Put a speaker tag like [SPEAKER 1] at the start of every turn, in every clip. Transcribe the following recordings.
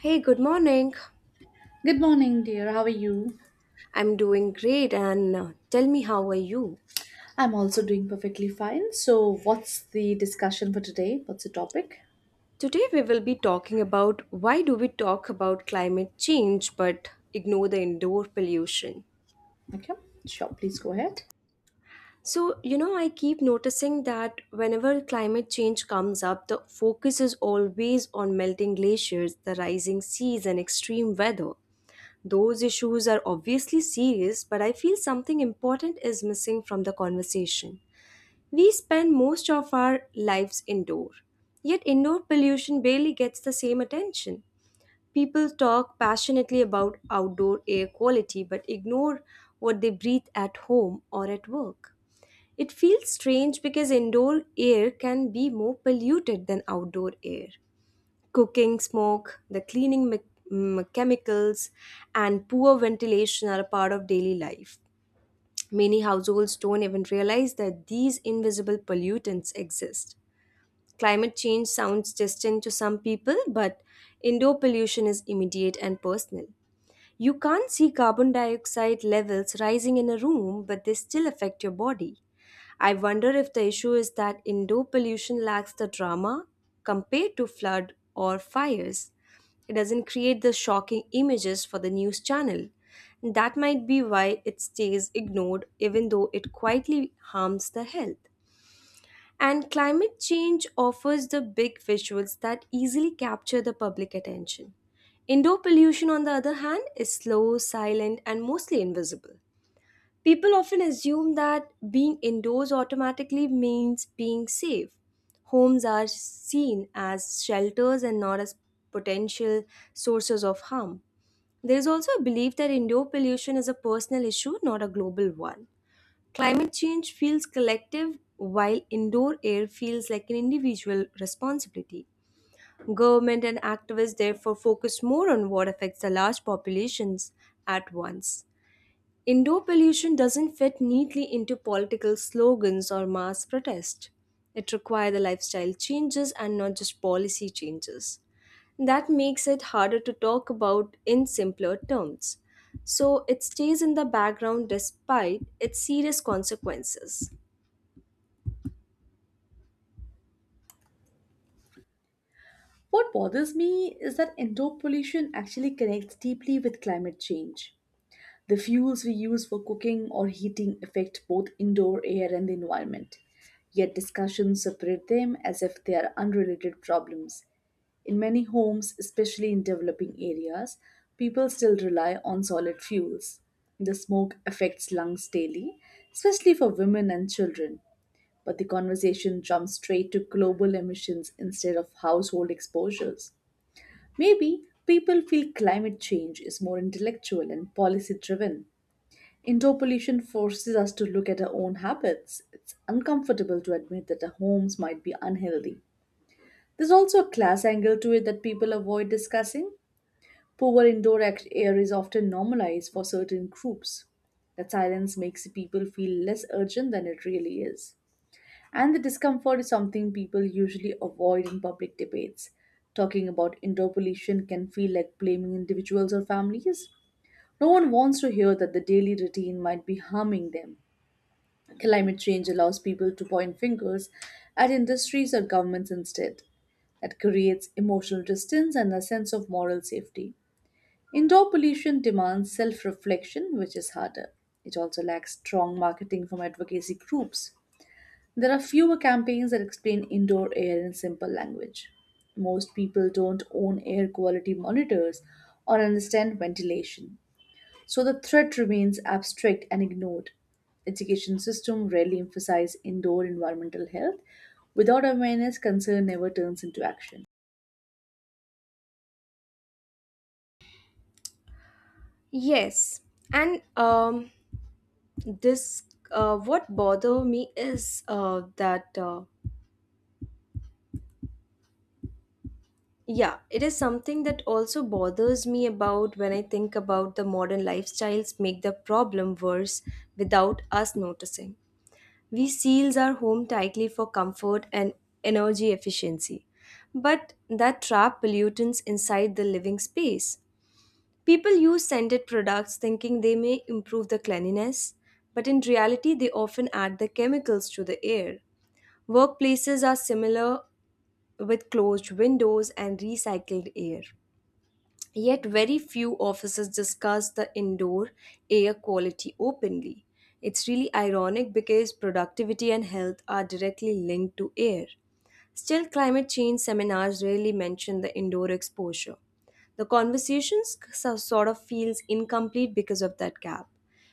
[SPEAKER 1] Hey, good morning.
[SPEAKER 2] Good morning, dear. How are you?
[SPEAKER 1] I'm doing great and tell me how are you?
[SPEAKER 2] I'm also doing perfectly fine. So, what's the discussion for today? What's the topic?
[SPEAKER 1] Today we will be talking about why do we talk about climate change but ignore the indoor pollution.
[SPEAKER 2] Okay, sure. Please go ahead.
[SPEAKER 1] So, you know, I keep noticing that whenever climate change comes up, the focus is always on melting glaciers, the rising seas and extreme weather. Those issues are obviously serious, but I feel something important is missing from the conversation. We spend most of our lives indoor, yet indoor pollution barely gets the same attention. People talk passionately about outdoor air quality but ignore what they breathe at home or at work. It feels strange because indoor air can be more polluted than outdoor air. Cooking smoke, the chemicals, and poor ventilation are a part of daily life. Many households don't even realize that these invisible pollutants exist. Climate change sounds distant to some people, but indoor pollution is immediate and personal. You can't see carbon dioxide levels rising in a room, but they still affect your body. I wonder if the issue is that indoor pollution lacks the drama compared to flood or fires. It doesn't create the shocking images for the news channel. That might be why it stays ignored, even though it quietly harms the health. And climate change offers the big visuals that easily capture the public attention. Indoor pollution, on the other hand, is slow, silent, and mostly invisible. People often assume that being indoors automatically means being safe. Homes are seen as shelters and not as potential sources of harm. There is also a belief that indoor pollution is a personal issue, not a global one. Climate change feels collective, while indoor air feels like an individual responsibility. Government and activists therefore focus more on what affects the large populations at once. Indoor pollution doesn't fit neatly into political slogans or mass protest. It requires the lifestyle changes and not just policy changes. That makes it harder to talk about in simpler terms. So it stays in the background despite its serious consequences.
[SPEAKER 2] What bothers me is that indoor pollution actually connects deeply with climate change. The fuels we use for cooking or heating affect both indoor air and the environment. Yet discussions separate them as if they are unrelated problems. In many homes, especially in developing areas, people still rely on solid fuels. The smoke affects lungs daily, especially for women and children. But the conversation jumps straight to global emissions instead of household exposures. Maybe people feel climate change is more intellectual and policy driven. Indoor pollution forces us to look at our own habits. It's uncomfortable to admit that our homes might be unhealthy. There's also a class angle to it that people avoid discussing. Poor indoor air is often normalized for certain groups. The silence makes people feel less urgent than it really is. And the discomfort is something people usually avoid in public debates. Talking about indoor pollution can feel like blaming individuals or families. No one wants to hear that the daily routine might be harming them. Climate change allows people to point fingers at industries or governments instead. That creates emotional distance and a sense of moral safety. Indoor pollution demands self reflection, which is harder. It also lacks strong marketing from advocacy groups. There are fewer campaigns that explain indoor air in simple language. Most people don't own air quality monitors or understand ventilation, so the threat remains abstract and ignored. Education system rarely emphasize indoor environmental health. Without awareness, concern never turns into action.
[SPEAKER 1] Yes, and this what bother me is that Yeah, it is something that also bothers me about when I think about the modern lifestyles make the problem worse without us noticing. We seals our home tightly for comfort and energy efficiency, but that trap pollutants inside the living space. People use scented products thinking they may improve the cleanliness, but in reality, they often add the chemicals to the air. Workplaces are similar with closed windows and recycled air. Yet, very few officers discuss the indoor air quality openly. It's really ironic because productivity and health are directly linked to air. Still, climate change seminars rarely mention the indoor exposure. The sort of feels incomplete because of that gap.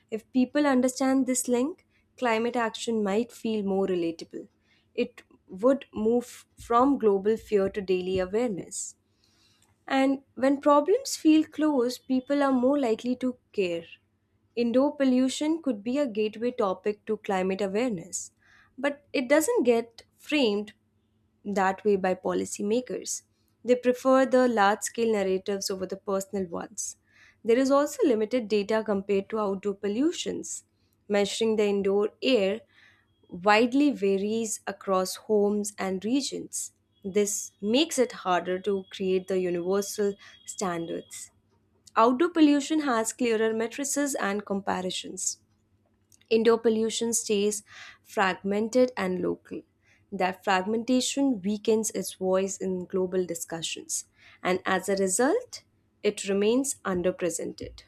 [SPEAKER 1] If people understand this link, climate action might feel more relatable. It would move from global fear to daily awareness. And when problems feel close, people are more likely to care. Indoor pollution could be a gateway topic to climate awareness, but it doesn't get framed that way by policymakers. They prefer the large scale narratives over the personal ones. There is also limited data compared to outdoor pollutions. Measuring the indoor air widely varies across homes and regions. This makes it harder to create the universal standards. Outdoor pollution has clearer matrices and comparisons. Indoor pollution stays fragmented and local. That fragmentation weakens its voice in global discussions, and as a result, it remains underrepresented.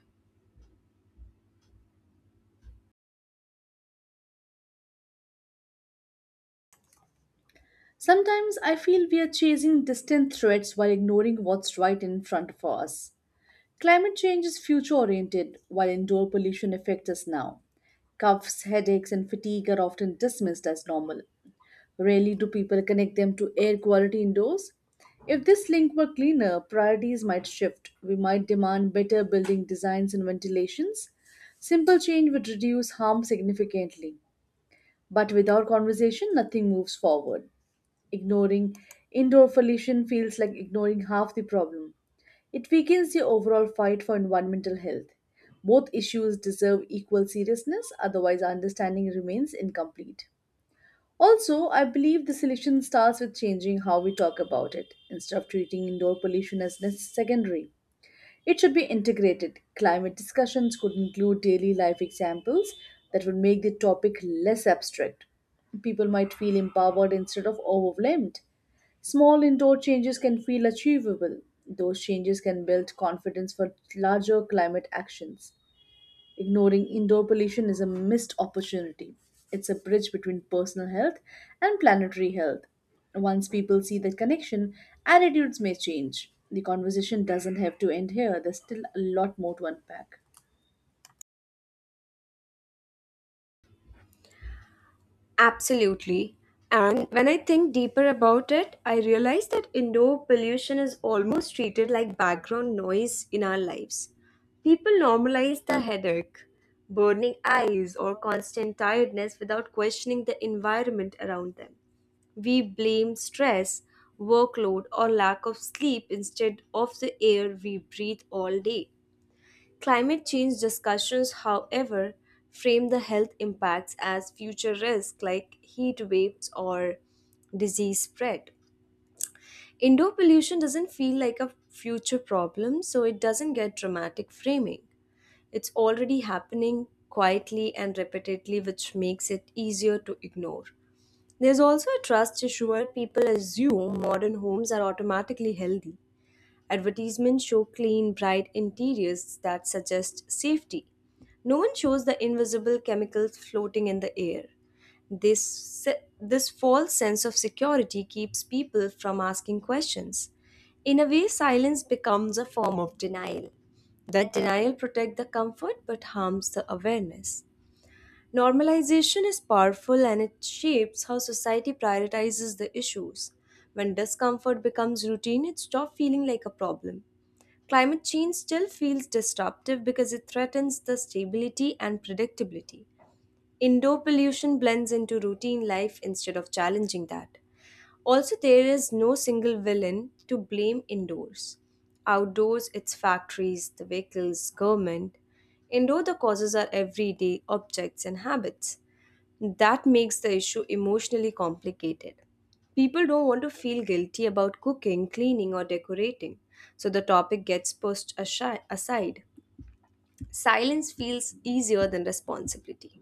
[SPEAKER 2] Sometimes I feel we are chasing distant threats while ignoring what's right in front of us. Climate change is future oriented, while indoor pollution affects us now. Coughs, headaches, and fatigue are often dismissed as normal. Rarely do people connect them to air quality indoors. If this link were cleaner, priorities might shift. We might demand better building designs and ventilations. Simple change would reduce harm significantly. But without conversation, nothing moves forward. Ignoring indoor pollution feels like ignoring half the problem. It weakens the overall fight for environmental health. Both issues deserve equal seriousness, otherwise, our understanding remains incomplete. Also, I believe the solution starts with changing how we talk about it. Instead of treating indoor pollution as secondary, it should be integrated. Climate discussions could include daily life examples that would make the topic less abstract. People might feel empowered instead of overwhelmed. Small indoor changes can feel achievable. Those changes can build confidence for larger climate actions. Ignoring indoor pollution is a missed opportunity. It's a bridge between personal health and planetary health. Once people see the connection, attitudes may change. The conversation doesn't have to end here, there's still a lot more to unpack.
[SPEAKER 1] Absolutely. And when I think deeper about it, I realize that indoor pollution is almost treated like background noise in our lives. People normalize the headache, burning eyes, or constant tiredness without questioning the environment around them. We blame stress, workload, or lack of sleep instead of the air we breathe all day. Climate change discussions, however, frame the health impacts as future risks like heat waves or disease spread. Indoor pollution doesn't feel like a future problem, so it doesn't get dramatic framing. It's already happening quietly and repeatedly, which makes it easier to ignore. There's also a trust issue where people assume modern homes are automatically healthy. Advertisements show clean, bright interiors that suggest safety. No one shows the invisible chemicals floating in the air. This false sense of security keeps people from asking questions. In a way, silence becomes a form of denial. That denial protects the comfort but harms the awareness. Normalization is powerful and it shapes how society prioritizes the issues. When discomfort becomes routine, it stops feeling like a problem. Climate change still feels disruptive because it threatens the stability and predictability. Indoor pollution blends into routine life instead of challenging that. Also, there is no single villain to blame indoors. Outdoors, it's factories, the vehicles, government. Indoor, the causes are everyday objects and habits. That makes the issue emotionally complicated. People don't want to feel guilty about cooking, cleaning, or decorating, so the topic gets pushed aside. Silence feels easier than responsibility.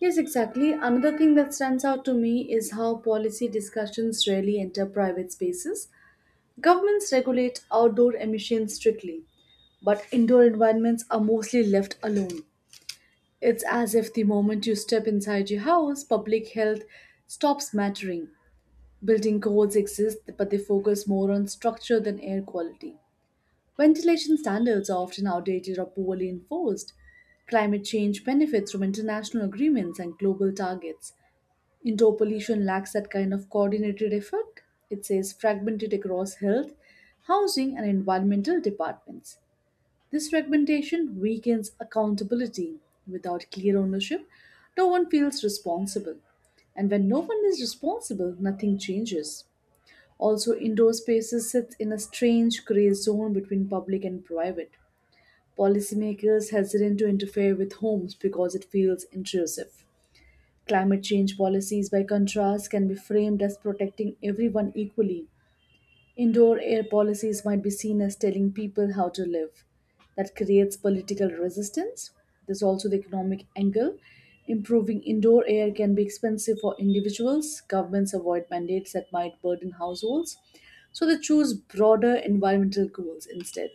[SPEAKER 2] Yes, exactly. Another thing that stands out to me is how policy discussions rarely enter private spaces. Governments regulate outdoor emissions strictly, but indoor environments are mostly left alone. It's as if the moment you step inside your house, public health stops mattering. Building codes exist, but they focus more on structure than air quality. Ventilation standards are often outdated or poorly enforced. Climate change benefits from international agreements and global targets. Indoor pollution lacks that kind of coordinated effort. It says fragmented across health, housing, and environmental departments. This fragmentation weakens accountability. Without clear ownership, no one feels responsible. And when no one is responsible, nothing changes. Also, indoor spaces sit in a strange gray zone between public and private. Policymakers hesitate to interfere with homes because it feels intrusive. Climate change policies, by contrast, can be framed as protecting everyone equally. Indoor air policies might be seen as telling people how to live. That creates political resistance. There's also the economic angle. Improving indoor air can be expensive for individuals. Governments avoid mandates that might burden households. So they choose broader environmental goals instead.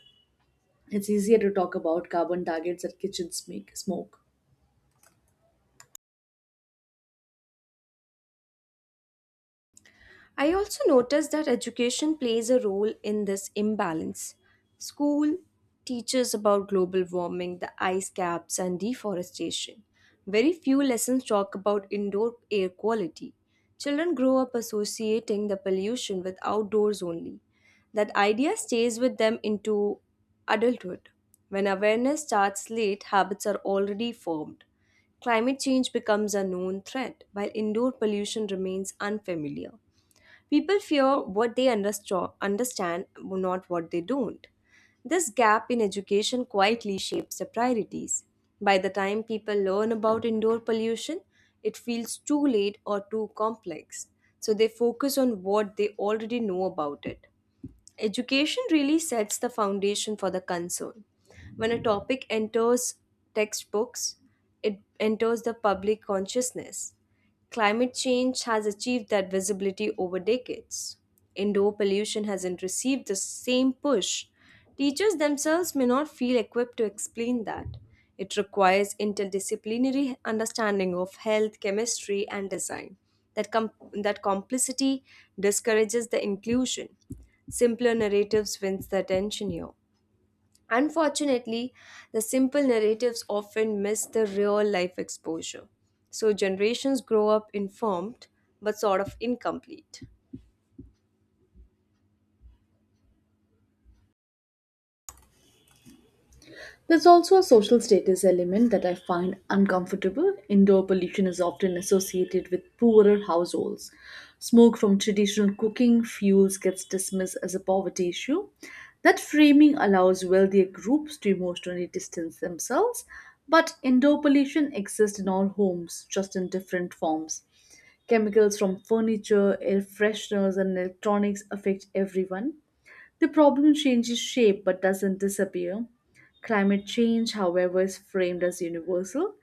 [SPEAKER 2] It's easier to talk about carbon targets that kitchens make smoke.
[SPEAKER 1] I also noticed that education plays a role in this imbalance. School teaches about global warming, the ice caps, and deforestation. Very few lessons talk about indoor air quality. Children grow up associating the pollution with outdoors only. That idea stays with them into adulthood. When awareness starts late, habits are already formed. Climate change becomes a known threat, while indoor pollution remains unfamiliar. People fear what they understand, not what they don't. This gap in education quietly shapes the priorities. By the time people learn about indoor pollution, it feels too late or too complex. So they focus on what they already know about it. Education really sets the foundation for the concern. When a topic enters textbooks, it enters the public consciousness. Climate change has achieved that visibility over decades. Indoor pollution hasn't received the same push. Teachers themselves may not feel equipped to explain that. It requires interdisciplinary understanding of health, chemistry, and design. That, com- that complicity discourages the inclusion. Simpler narratives wins the attention here. Unfortunately, the simple narratives often miss the real life exposure. So generations grow up informed but sort of incomplete.
[SPEAKER 2] There's also a social status element that I find uncomfortable. Indoor pollution is often associated with poorer households. Smoke from traditional cooking fuels gets dismissed as a poverty issue. That framing allows wealthier groups to emotionally distance themselves, but indoor pollution exists in all homes, just in different forms. Chemicals from furniture, air fresheners, and electronics affect everyone. The problem changes shape but doesn't disappear. Climate change, however, is framed as universal.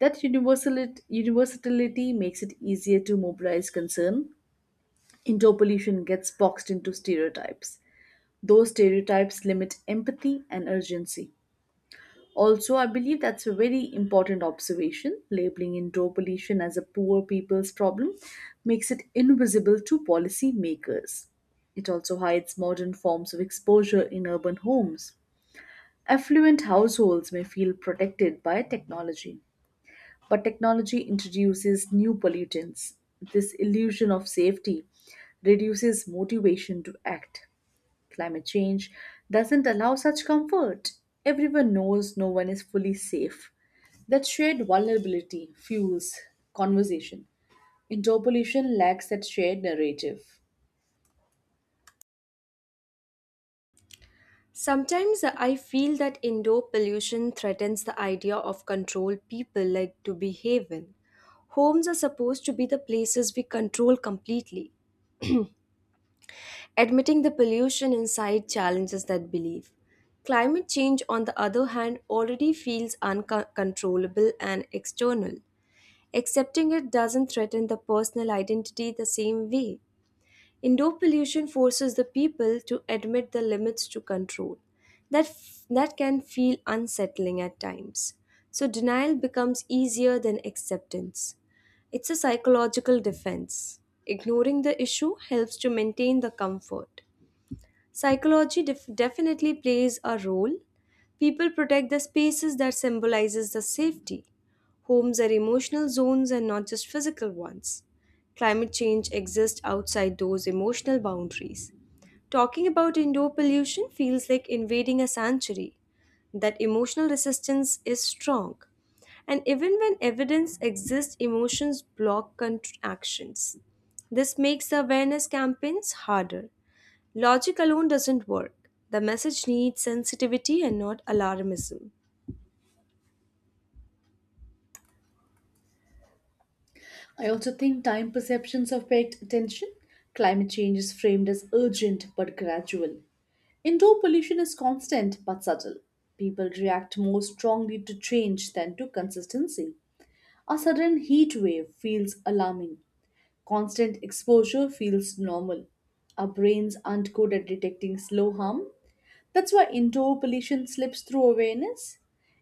[SPEAKER 2] That universality makes it easier to mobilize concern. Indoor pollution gets boxed into stereotypes. Those stereotypes limit empathy and urgency. Also, I believe that's a very important observation. Labeling indoor pollution as a poor people's problem makes it invisible to policymakers. It also hides modern forms of exposure in urban homes. Affluent households may feel protected by technology, but technology introduces new pollutants. This illusion of safety reduces motivation to act. Climate change doesn't allow such comfort. Everyone knows no one is fully safe. That shared vulnerability fuels conversation. Indoor pollution lacks that shared narrative.
[SPEAKER 1] Sometimes I feel that indoor pollution threatens the idea of control people like to behave in. Homes are supposed to be the places we control completely. Admitting the pollution inside challenges that belief. Climate change, on the other hand, already feels uncontrollable and external. Accepting it doesn't threaten the personal identity the same way. Indoor pollution forces the people to admit the limits to control. That can feel unsettling at times. So denial becomes easier than acceptance. It's a psychological defense. Ignoring the issue helps to maintain the comfort. Psychology definitely plays a role. People protect the spaces that symbolizes the safety. Homes are emotional zones and not just physical ones. Climate change exists outside those emotional boundaries. Talking about indoor pollution feels like invading a sanctuary. That emotional resistance is strong. And even when evidence exists, emotions block actions. This makes awareness campaigns harder. Logic alone doesn't work. The message needs sensitivity and not alarmism.
[SPEAKER 2] I also think time perceptions affect attention. Climate change is framed as urgent but gradual. Indoor pollution is constant but subtle. People react more strongly to change than to consistency. A sudden heat wave feels alarming. Constant exposure feels normal. Our brains aren't good at detecting slow harm. That's why indoor pollution slips through awareness.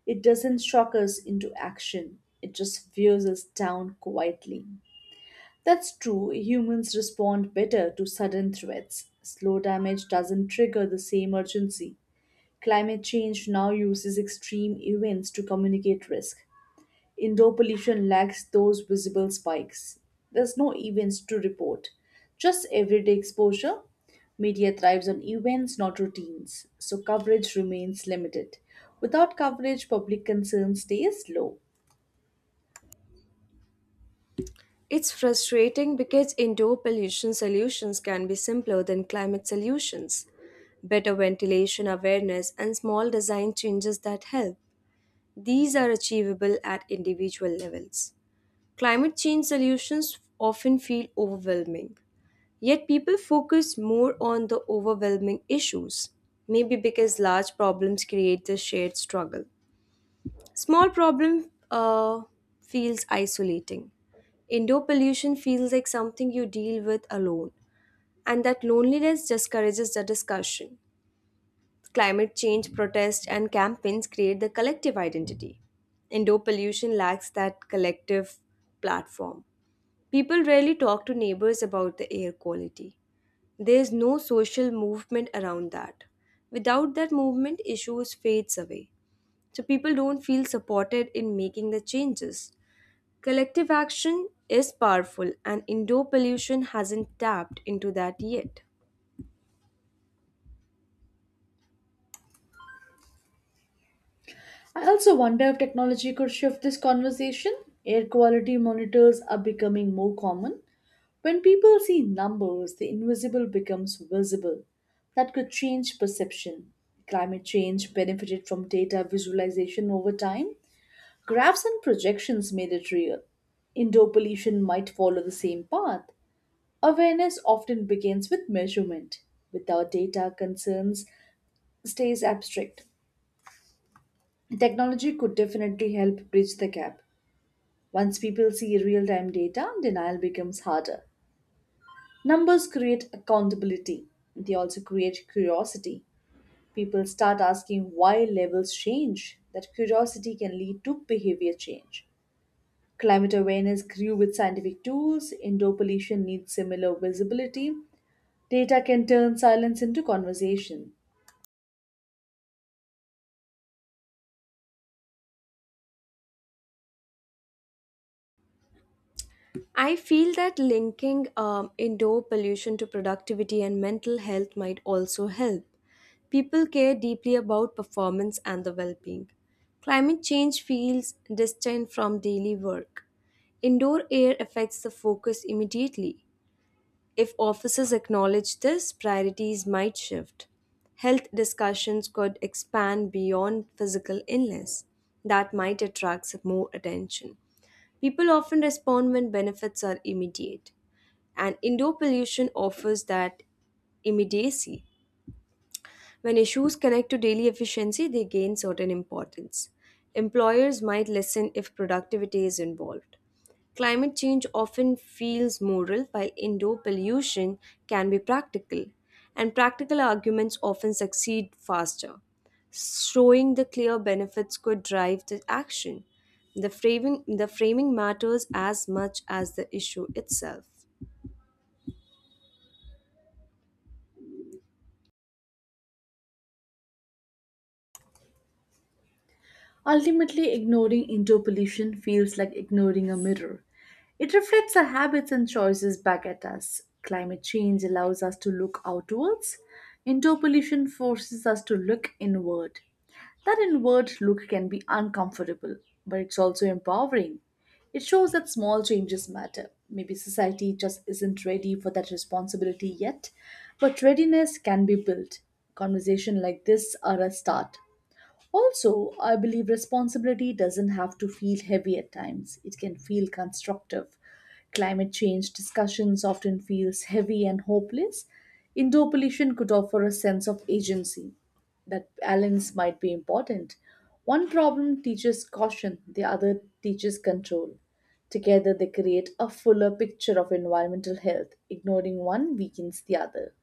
[SPEAKER 2] It doesn't shock us into action, it just wears us down quietly. That's true, humans respond better to sudden threats. Slow damage doesn't trigger the same urgency. Climate change now uses extreme events to communicate risk. Indoor pollution lacks those visible spikes. There's no events to report, just everyday exposure. Media thrives on events, not routines, so coverage remains limited. Without coverage, public concern stays low.
[SPEAKER 1] It's frustrating because indoor pollution solutions can be simpler than climate solutions. Better ventilation awareness and small design changes that help. These are achievable at individual levels. Climate change solutions often feel overwhelming. Yet people focus more on the overwhelming issues, maybe because large problems create the shared struggle. Small problem feels isolating. Indoor pollution feels like something you deal with alone, and that loneliness discourages the discussion. Climate change protests and campaigns create the collective identity. Indoor pollution lacks that collective platform. People rarely talk to neighbors about the air quality. There's no social movement around that. Without that movement, issues fades away. So people don't feel supported in making the changes. Collective action is powerful and indoor pollution hasn't tapped into that yet.
[SPEAKER 2] I also wonder if technology could shift this conversation. Air quality monitors are becoming more common. When people see numbers, the invisible becomes visible. That could change perception. Climate change benefited from data visualization over time. Graphs and projections made it real. Indoor pollution might follow the same path. Awareness often begins with measurement. Without data, concerns stays abstract. Technology could definitely help bridge the gap. Once people see real-time data, denial becomes harder. Numbers create accountability, they also create curiosity. People start asking why levels change. That curiosity can lead to behavior change. Climate awareness grew with scientific tools, indoor pollution needs similar visibility. Data can turn silence into conversation.
[SPEAKER 1] I feel that linking indoor pollution to productivity and mental health might also help. People care deeply about performance and the well being. Climate change feels distant from daily work. Indoor air affects the focus immediately. If offices acknowledge this, priorities might shift. Health discussions could expand beyond physical illness. That might attract more attention. People often respond when benefits are immediate, and indoor pollution offers that immediacy. When issues connect to daily efficiency, they gain certain importance. Employers might listen if productivity is involved. Climate change often feels moral, while indoor pollution can be practical, and practical arguments often succeed faster. Showing the clear benefits could drive the action. The framing matters as much as the issue itself.
[SPEAKER 2] Ultimately, ignoring indoor pollution feels like ignoring a mirror. It reflects our habits and choices back at us. Climate change allows us to look outwards. Indoor pollution forces us to look inward. That inward look can be uncomfortable, but it's also empowering. It shows that small changes matter. Maybe society just isn't ready for that responsibility yet, but readiness can be built. Conversation like this are a start. Also, I believe responsibility doesn't have to feel heavy at times. It can feel constructive. Climate change discussions often feels heavy and hopeless. Indoor pollution could offer a sense of agency. That balance might be important. One problem teaches caution, the other teaches control. Together they create a fuller picture of environmental health. Ignoring one weakens the other.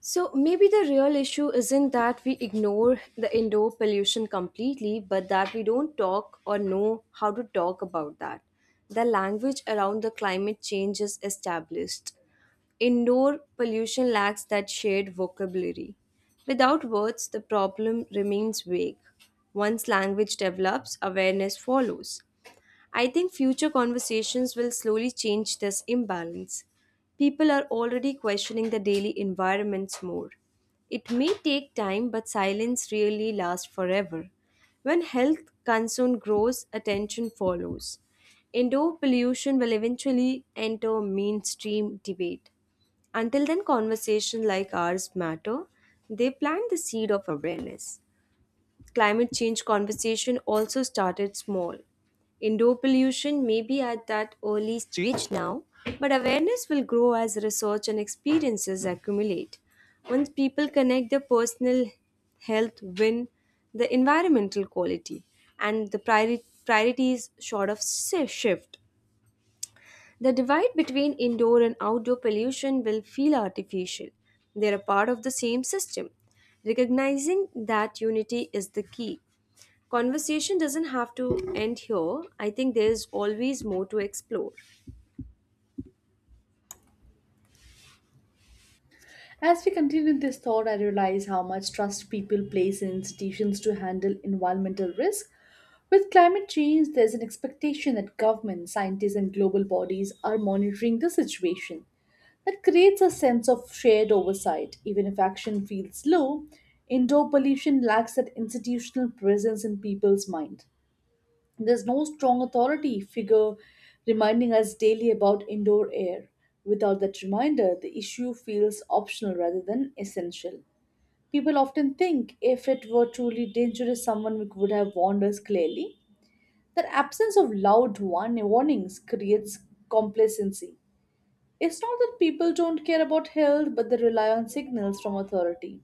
[SPEAKER 1] So maybe the real issue isn't that we ignore the indoor pollution completely, but that we don't talk or know how to talk about that. The language around the climate change is established. Indoor pollution lacks that shared vocabulary. Without words, the problem remains vague. Once language develops, awareness follows. I think future conversations will slowly change this imbalance. People are already questioning the daily environments more. It may take time, but silence really lasts forever. When health concern grows, attention follows. Indoor pollution will eventually enter mainstream debate. Until then, conversations like ours matter. They plant the seed of awareness. Climate change conversation also started small. Indoor pollution may be at that early stage now, but awareness will grow as research and experiences accumulate. Once people connect their personal health with the environmental quality and the priorities sort of shift. The divide between indoor and outdoor pollution will feel artificial. They are a part of the same system. Recognizing that unity is the key. Conversation doesn't have to end here. I think there's always more to explore.
[SPEAKER 2] As we continue this thought, I realize how much trust people place in institutions to handle environmental risk. With climate change, there's an expectation that governments, scientists, and global bodies are monitoring the situation. That creates a sense of shared oversight, even if action feels low. Indoor pollution lacks that institutional presence in people's mind. There's no strong authority figure reminding us daily about indoor air. Without that reminder, the issue feels optional rather than essential. People often think if it were truly dangerous, someone would have warned us clearly. That absence of loud warnings creates complacency. It's not that people don't care about health, but they rely on signals from authority.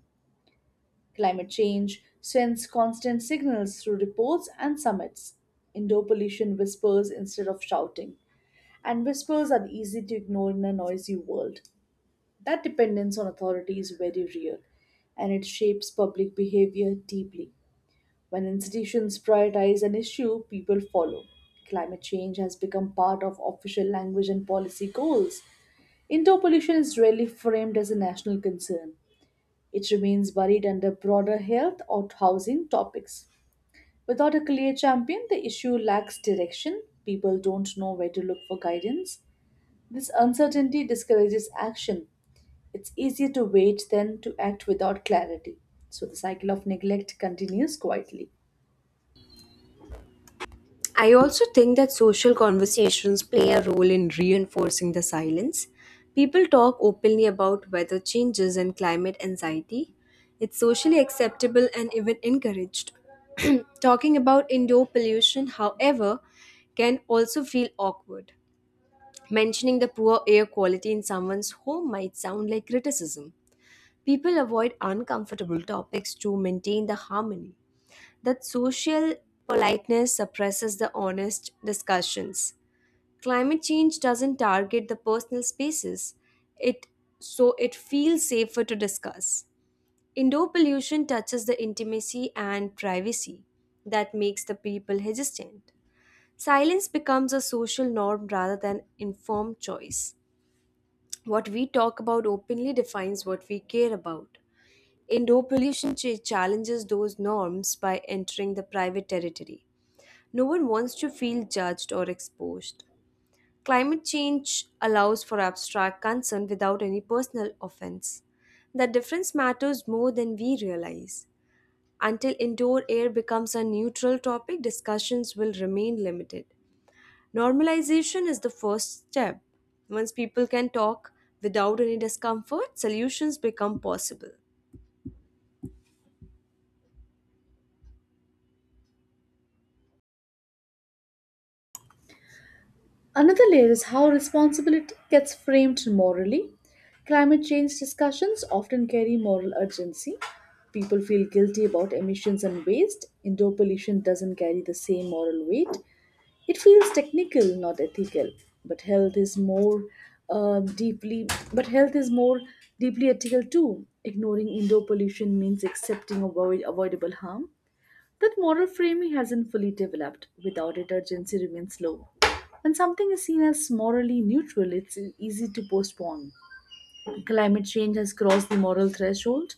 [SPEAKER 2] Climate change sends constant signals through reports and summits. Indoor pollution whispers instead of shouting. And whispers are easy to ignore in a noisy world. That dependence on authority is very real, and it shapes public behavior deeply. When institutions prioritize an issue, people follow. Climate change has become part of official language and policy goals. Indoor pollution is rarely framed as a national concern. It remains buried under broader health or housing topics. Without a clear champion, the issue lacks direction. People don't know where to look for guidance. This uncertainty discourages action. It's easier to wait than to act without clarity. So the cycle of neglect continues quietly.
[SPEAKER 1] I also think that social conversations play a role in reinforcing the silence. People talk openly about weather changes and climate anxiety. It's socially acceptable and even encouraged. Talking about indoor pollution, however, can also feel awkward. Mentioning the poor air quality in someone's home might sound like criticism. People avoid uncomfortable topics to maintain the harmony. That social politeness suppresses the honest discussions. Climate change doesn't target the personal spaces. It so it feels safer to discuss. Indoor pollution touches the intimacy and privacy that makes the people hesitant. Silence becomes a social norm rather than informed choice. What we talk about openly defines what we care about. Indoor pollution challenges those norms by entering the private territory. No one wants to feel judged or exposed. Climate change allows for abstract concern without any personal offense. The difference matters more than we realize. Until indoor air becomes a neutral topic, discussions will remain limited. Normalization is the first step. Once people can talk without any discomfort, solutions become possible.
[SPEAKER 2] Another layer is how responsibility gets framed morally. Climate change discussions often carry moral urgency. People feel guilty about emissions and waste. Indoor pollution doesn't carry the same moral weight. It feels technical, not ethical. But health is more uh, deeply. But health is more deeply ethical too. Ignoring indoor pollution means accepting avoidable harm. That moral framing hasn't fully developed. Without it, urgency remains low. When something is seen as morally neutral, it's easy to postpone. Climate change has crossed the moral threshold.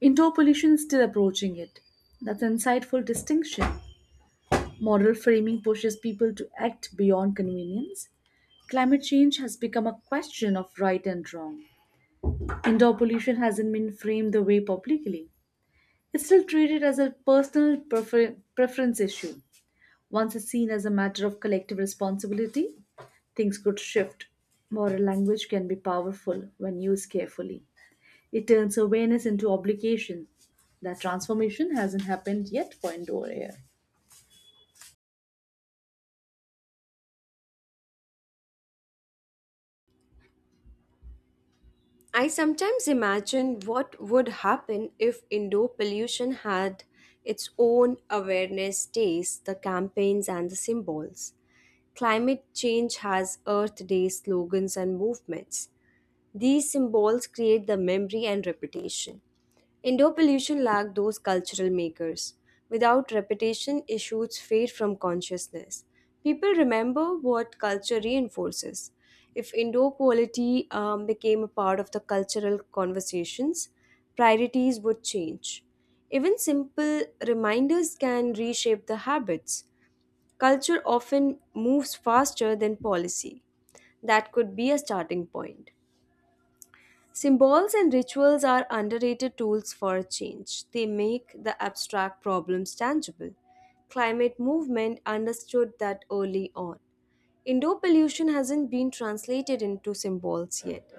[SPEAKER 2] Indoor pollution is still approaching it. That's an insightful distinction. Moral framing pushes people to act beyond convenience. Climate change has become a question of right and wrong. Indoor pollution hasn't been framed the way publicly. It's still treated as a personal preference issue. Once it's seen as a matter of collective responsibility, things could shift. Moral language can be powerful when used carefully. It turns awareness into obligation. That transformation hasn't happened yet for indoor air.
[SPEAKER 1] I sometimes imagine what would happen if indoor pollution had its own awareness days, the campaigns, and the symbols. Climate change has Earth Day slogans and movements. These symbols create the memory and reputation. Indoor pollution lacked those cultural makers. Without repetition, issues fade from consciousness. People remember what culture reinforces. If indoor quality became a part of the cultural conversations, priorities would change. Even simple reminders can reshape the habits. Culture often moves faster than policy. That could be a starting point. Symbols and rituals are underrated tools for change. They make the abstract problems tangible. Climate movement understood that early on. Indoor pollution hasn't been translated into symbols yet.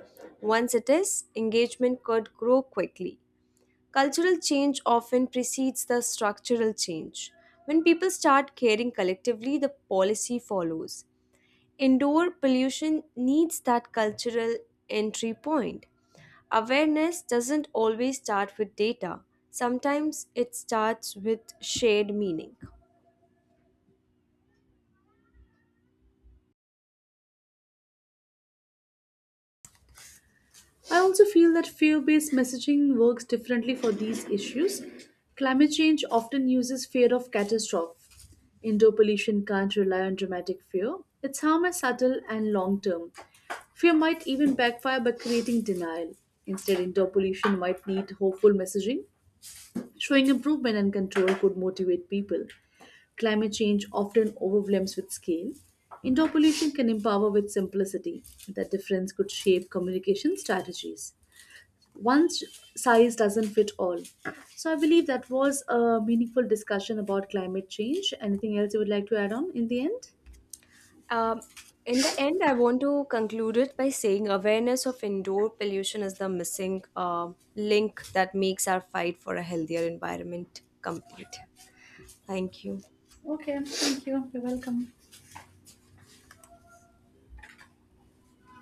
[SPEAKER 1] Once it is, engagement could grow quickly. Cultural change often precedes the structural change. When people start caring collectively, the policy follows. Indoor pollution needs that cultural entry point. Awareness doesn't always start with data, sometimes it starts with shared meaning.
[SPEAKER 2] I also feel that fear based messaging works differently for these issues. Climate change often uses fear of catastrophe. Indoor pollution can't rely on dramatic fear. Its harm is subtle and long term. Fear might even backfire by creating denial. Instead, indoor pollution might need hopeful messaging. Showing improvement and control could motivate people. Climate change often overwhelms with scale. Indoor pollution can empower with simplicity. That difference could shape communication strategies size doesn't fit all. So I believe that was a meaningful discussion about climate change. Anything else you would like to add on in the end?
[SPEAKER 1] Um, in the end, I want to conclude it by saying awareness of indoor pollution is the missing link that makes our fight for a healthier environment complete. Thank you.
[SPEAKER 2] Okay, thank you. You're welcome.